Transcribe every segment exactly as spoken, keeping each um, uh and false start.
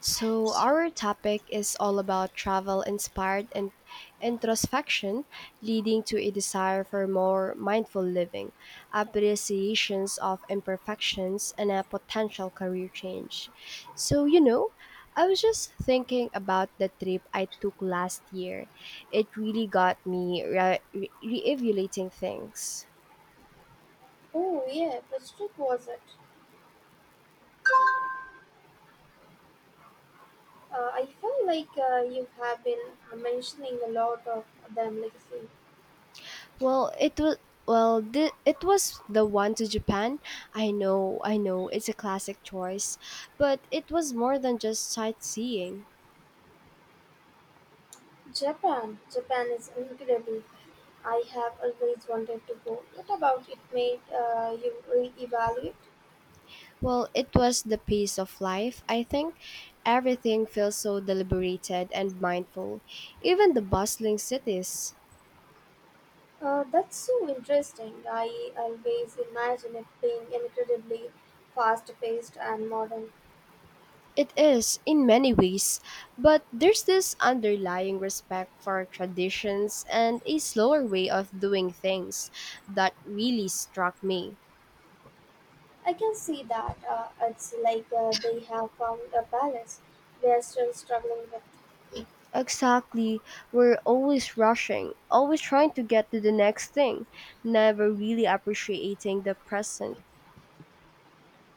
So, our topic is all about travel inspired and introspection, leading to a desire for more mindful living, appreciations of imperfections, and a potential career change. So, you know, I was just thinking about the trip I took last year. It really got me re- re- reevaluating things. Oh, yeah, which trip was it? Uh, I feel like uh, you have been uh, mentioning a lot of them, like say, Well, it was well, thi- it was the one to Japan. I know, I know, it's a classic choice, but it was more than just sightseeing. Japan. Japan is incredible. I have always wanted to go. What about it made uh, you re-evaluate? Well, it was the pace of life. I think everything feels so deliberated and mindful, even the bustling cities. Uh, that's so interesting. I always imagine it being incredibly fast-paced and modern. It is in many ways, but there's this underlying respect for traditions and a slower way of doing things that really struck me. I can see that. Uh, it's like uh, they have found a balance. We are still struggling with. Exactly. We're always rushing, always trying to get to the next thing, never really appreciating the present.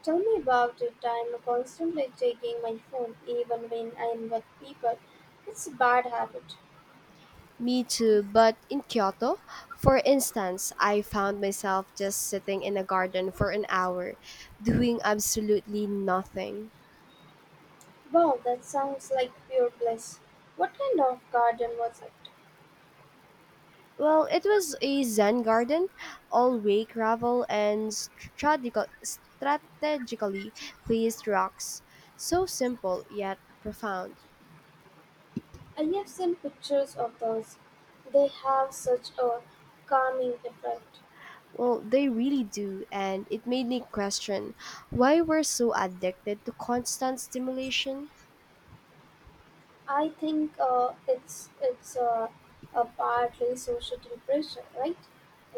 Tell me about it. I'm constantly checking my phone even when I'm with people. It's a bad habit. Me too, but in Kyoto, for instance, I found myself just sitting in a garden for an hour, doing absolutely nothing. Wow, that sounds like pure bliss. What kind of garden was it? Well, it was a Zen garden, all way gravel and strategical, strategically placed rocks. So simple yet profound. I have seen pictures of those. They have such a calming effect. Well, they really do, and it made me question why we're so addicted to constant stimulation. I think uh, it's it's uh, a partly social pressure, right?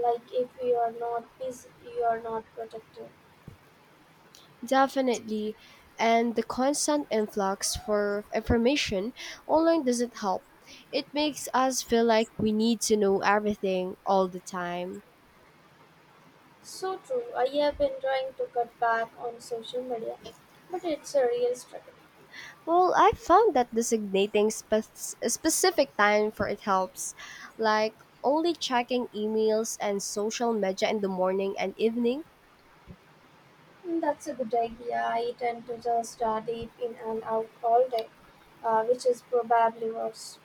Like if you are not busy, you are not productive. Definitely, and the constant influx for information online doesn't help. It makes us feel like we need to know everything all the time. So true. I have been trying to cut back on social media, but it's a real struggle. Well, I found that designating spec- a specific time for it helps, like only checking emails and social media in the morning and evening. Mm, that's a good idea. I tend to just uh, deep in and out all day, uh, which is probably worse.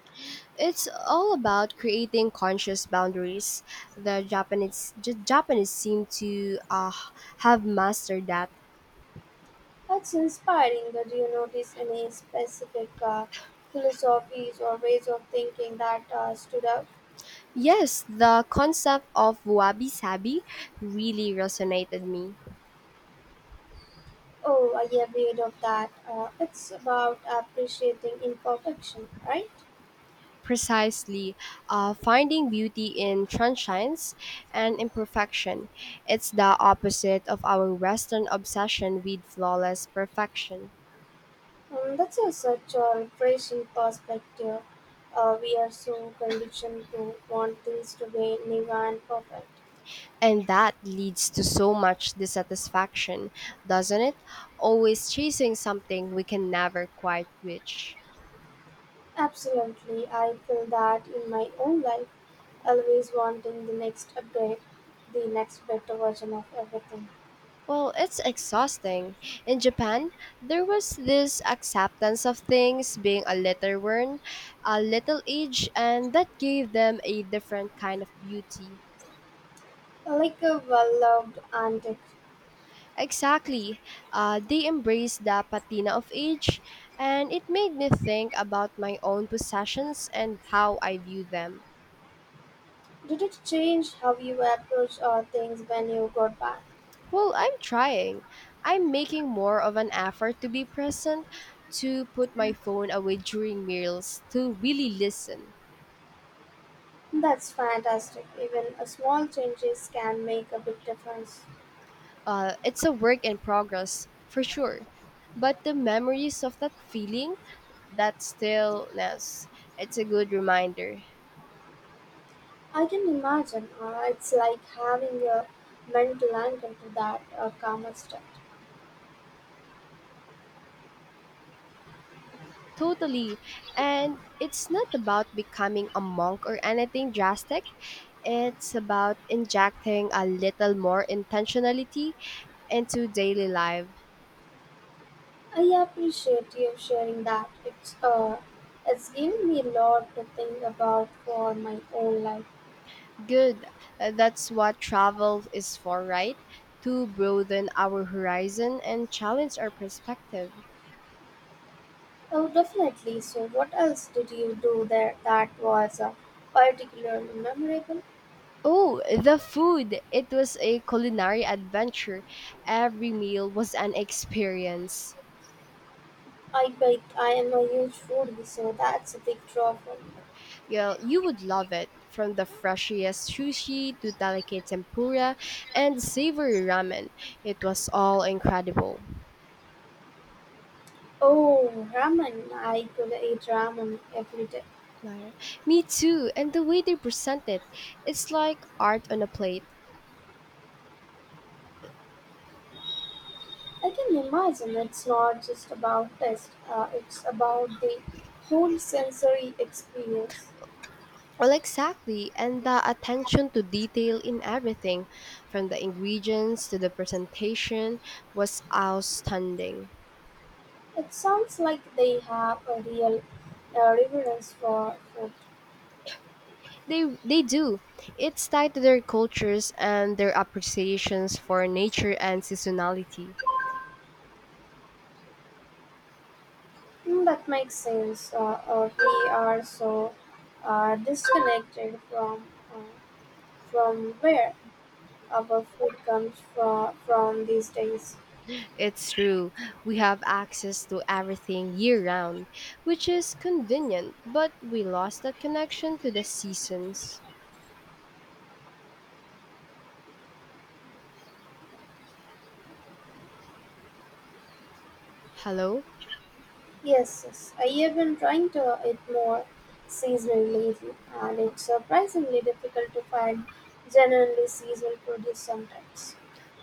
It's all about creating conscious boundaries. The Japanese the Japanese seem to uh, have mastered that. That's inspiring. But do you notice any specific uh, philosophies or ways of thinking that uh, stood out? Yes, the concept of wabi sabi really resonated me. Oh, I have read of that. Uh, it's about appreciating imperfection, right? Precisely, uh, finding beauty in sunshines and imperfection. It's the opposite of our Western obsession with flawless perfection. Um, that's a, such a refreshing perspective. Uh, we are so conditioned to want things to be never and perfect. And that leads to so much dissatisfaction, doesn't it? Always chasing something we can never quite reach. Absolutely, I feel that in my own life, always wanting the next upgrade, the next better version of everything. Well, it's exhausting. In Japan, there was this acceptance of things being a little worn, a little aged, and that gave them a different kind of beauty. Like a well loved antique. Exactly. Uh, they embraced the patina of age, and it made me think about my own possessions and how I view them. Did it change how you approach uh, things when you got back? Well, I'm trying. I'm making more of an effort to be present, to put my phone away during meals, to really listen. That's fantastic. Even a small changes can make a big difference. Uh, it's a work in progress, for sure. But the memories of that feeling, that stillness, it's a good reminder. I can imagine uh, it's like having a mental anchor to that uh, calmer state. Totally. And it's not about becoming a monk or anything drastic. It's about injecting a little more intentionality into daily life. I appreciate you sharing that. It's uh, it's given me a lot to think about for my own life. Good. Uh, That's what travel is for, right? To broaden our horizon and challenge our perspective. Oh, definitely. So, what else did you do there that was uh, particularly memorable? Oh, the food! It was a culinary adventure. Every meal was an experience. I bet I am a huge foodie, so that's a big draw for me. Yeah, you would love it. From the freshest sushi to delicate tempura and savory ramen, it was all incredible. Oh, ramen! I could eat ramen every day. Liar. Me too, and the way they present it, it's like art on a plate. I can imagine it's not just about taste, uh, it's about the whole sensory experience. Well, exactly, and the attention to detail in everything, from the ingredients to the presentation, was outstanding. It sounds like they have a real uh, reverence for food. They they do. It's tied to their cultures and their appreciations for nature and seasonality. Mm, that makes sense. Uh, uh, we are so uh, disconnected from uh, from where our food comes from, from these days. It's true. We have access to everything year round, which is convenient, but we lost that connection to the seasons. Hello? Yes, yes. I have been trying to uh, eat more seasonally lately, and it's surprisingly difficult to find genuinely seasonal produce sometimes.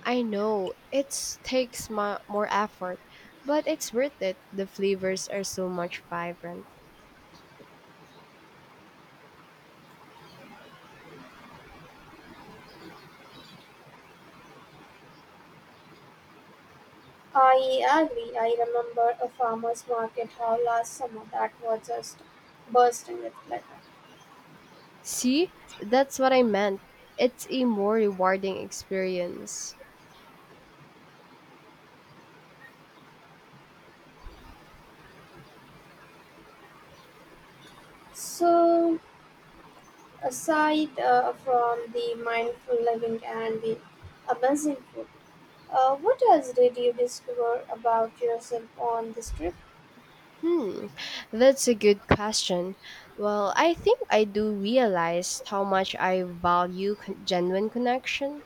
I know it takes mu more effort, but it's worth it. The flavors are so much vibrant. I agree. I remember a farmer's market hall last summer that was just bursting with life. See, that's what I meant. It's a more rewarding experience. So, aside uh, from the mindful living and the amazing food, uh, what else did you discover about yourself on this trip, Hmm, that's a good question. Well, I think I do realize how much I value con- genuine connection.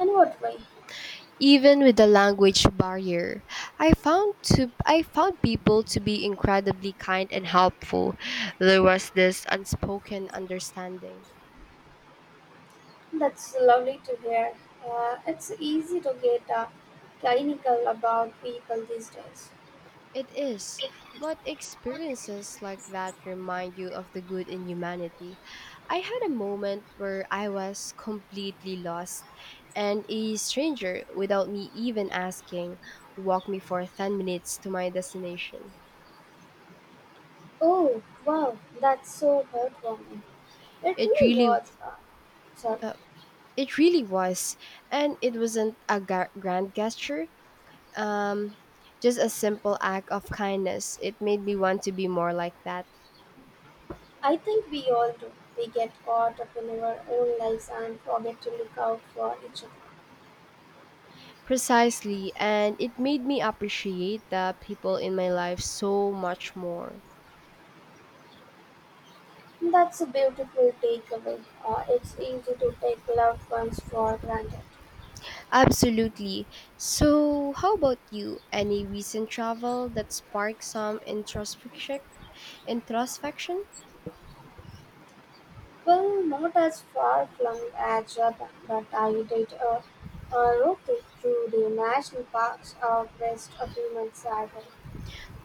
and what way? Even with the language barrier, I found to I found people to be incredibly kind and helpful. There was this unspoken understanding. That's lovely to hear. Uh, it's easy to get uh, clinical about people these days. It is, but experiences like that remind you of the good in humanity. I had a moment where I was completely lost, and a stranger, without me even asking, walked me for ten minutes to my destination. Oh, wow, that's so heartwarming. It It really really was. Uh, so uh, It really was. And it wasn't a ga- grand gesture, um, just a simple act of kindness. It made me want to be more like that. I think we all do. We get caught up in our own lives and forget to look out for each Precisely. And it made me appreciate the people in my life so much more. other. That's a beautiful takeaway. Uh, it's easy to take loved ones for granted. Absolutely. So, how about you? Any recent travel that sparked some introspection? Introspection? Well, not as far flung as Jordan, but I did a, a road trip through the national parks of west a few months ago.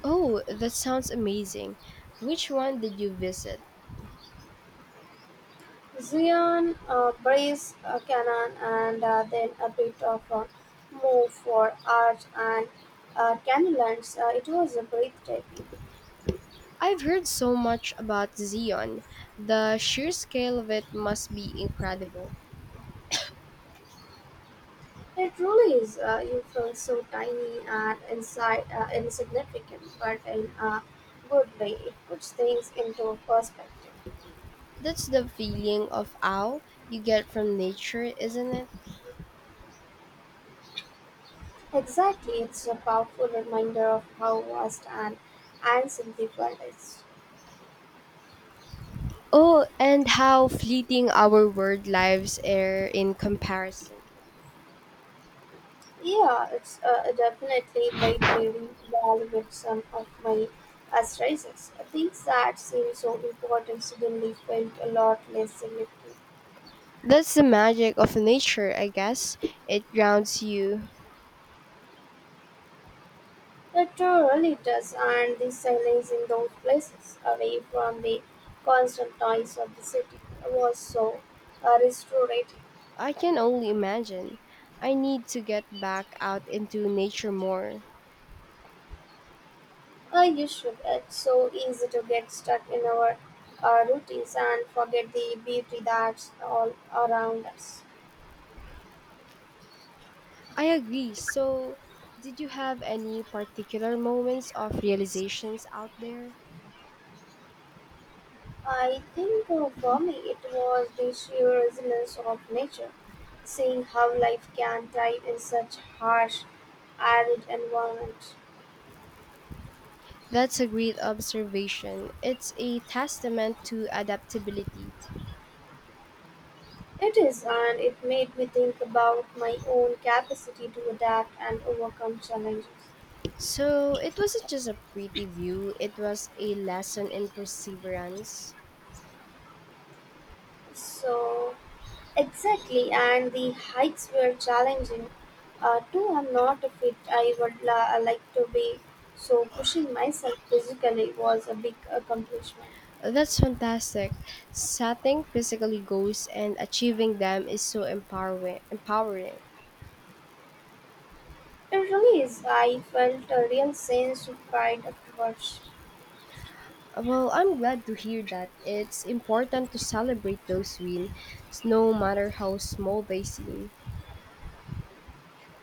Oh, that sounds amazing. Which one did you visit? Zion, uh, Breeze, uh, Canaan, and uh, then a bit of a move for Arch and uh, Canyonlands. Uh, it was a breathtaking. I've heard so much about Zion. The sheer scale of it must be incredible. It really is. Uh, you feel so tiny and inside uh, insignificant, but in a good way, it puts things into perspective. That's the feeling of awe you get from nature, isn't it? Exactly, it's a powerful reminder of how vast and ancient the world is. Oh, and how fleeting our world lives are in comparison. Yeah, it's uh, definitely made me reevaluate some of my asterisks. Things that seem so important suddenly felt a lot less significant. That's the magic of nature, I guess. It grounds you. It uh, really does, and the silence in those places, away from the constant noise of the city, was so uh, restorative. I can only imagine. I need to get back out into nature more. Uh, you should. It's so easy to get stuck in our uh, routines and forget the beauty that's all around us. I agree. So, did you have any particular moments of realizations out there? I think uh, for me it was the sheer resilience of nature, seeing how life can thrive in such harsh, arid environment. That's a great observation. It's a testament to adaptability. It is, and it made me think about my own capacity to adapt and overcome challenges. So, it wasn't just a pretty view, it was a lesson in perseverance. So, Exactly, and the hikes were challenging. Uh, too, I'm not fit. I would la- uh, like to be. So, pushing myself physically was a big accomplishment. That's fantastic. Setting basically goals and achieving them is so empowering. Empowering. It really is. I felt a real sense of pride afterwards. Well, I'm glad to hear that. It's important to celebrate those wins, no matter how small they seem.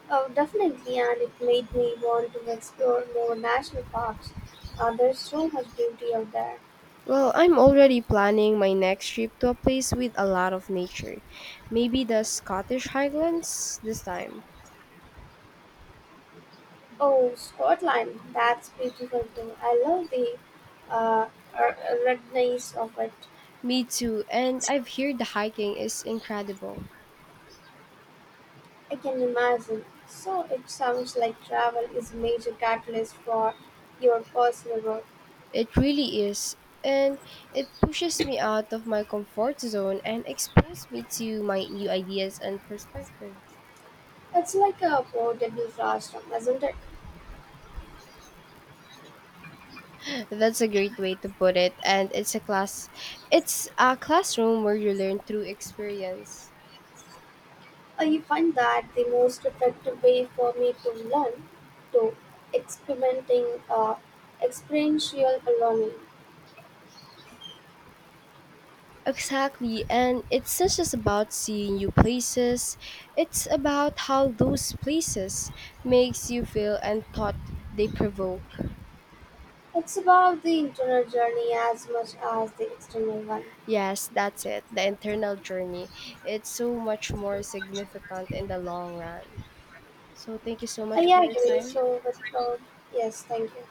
Oh, definitely, and it made me want to explore more national parks. Uh, there's so much beauty out there. Well, I'm already planning my next trip to a place with a lot of nature. Maybe the Scottish Highlands this time. Oh, Scotland, that's beautiful too. I love the uh, r- redness of it. Me too, and I've heard the hiking is incredible. I can imagine. So it sounds like travel is a major catalyst for your personal growth. It really is, and it pushes me out of my comfort zone and exposes me to my new ideas and perspective. It's like a portable classroom, isn't it? That's a great way to put it, and it's a class it's a classroom where you learn through experience. I find that the most effective way for me to learn to experimenting uh, experiential learning. Exactly, and it's not just about seeing new places, it's about how those places makes you feel and thought they provoke. It's about the internal journey as much as the external one. Yes, that's it, the internal journey. It's so much more significant in the long run. So thank you so I much for your agree. time. So with uh, yes, thank you.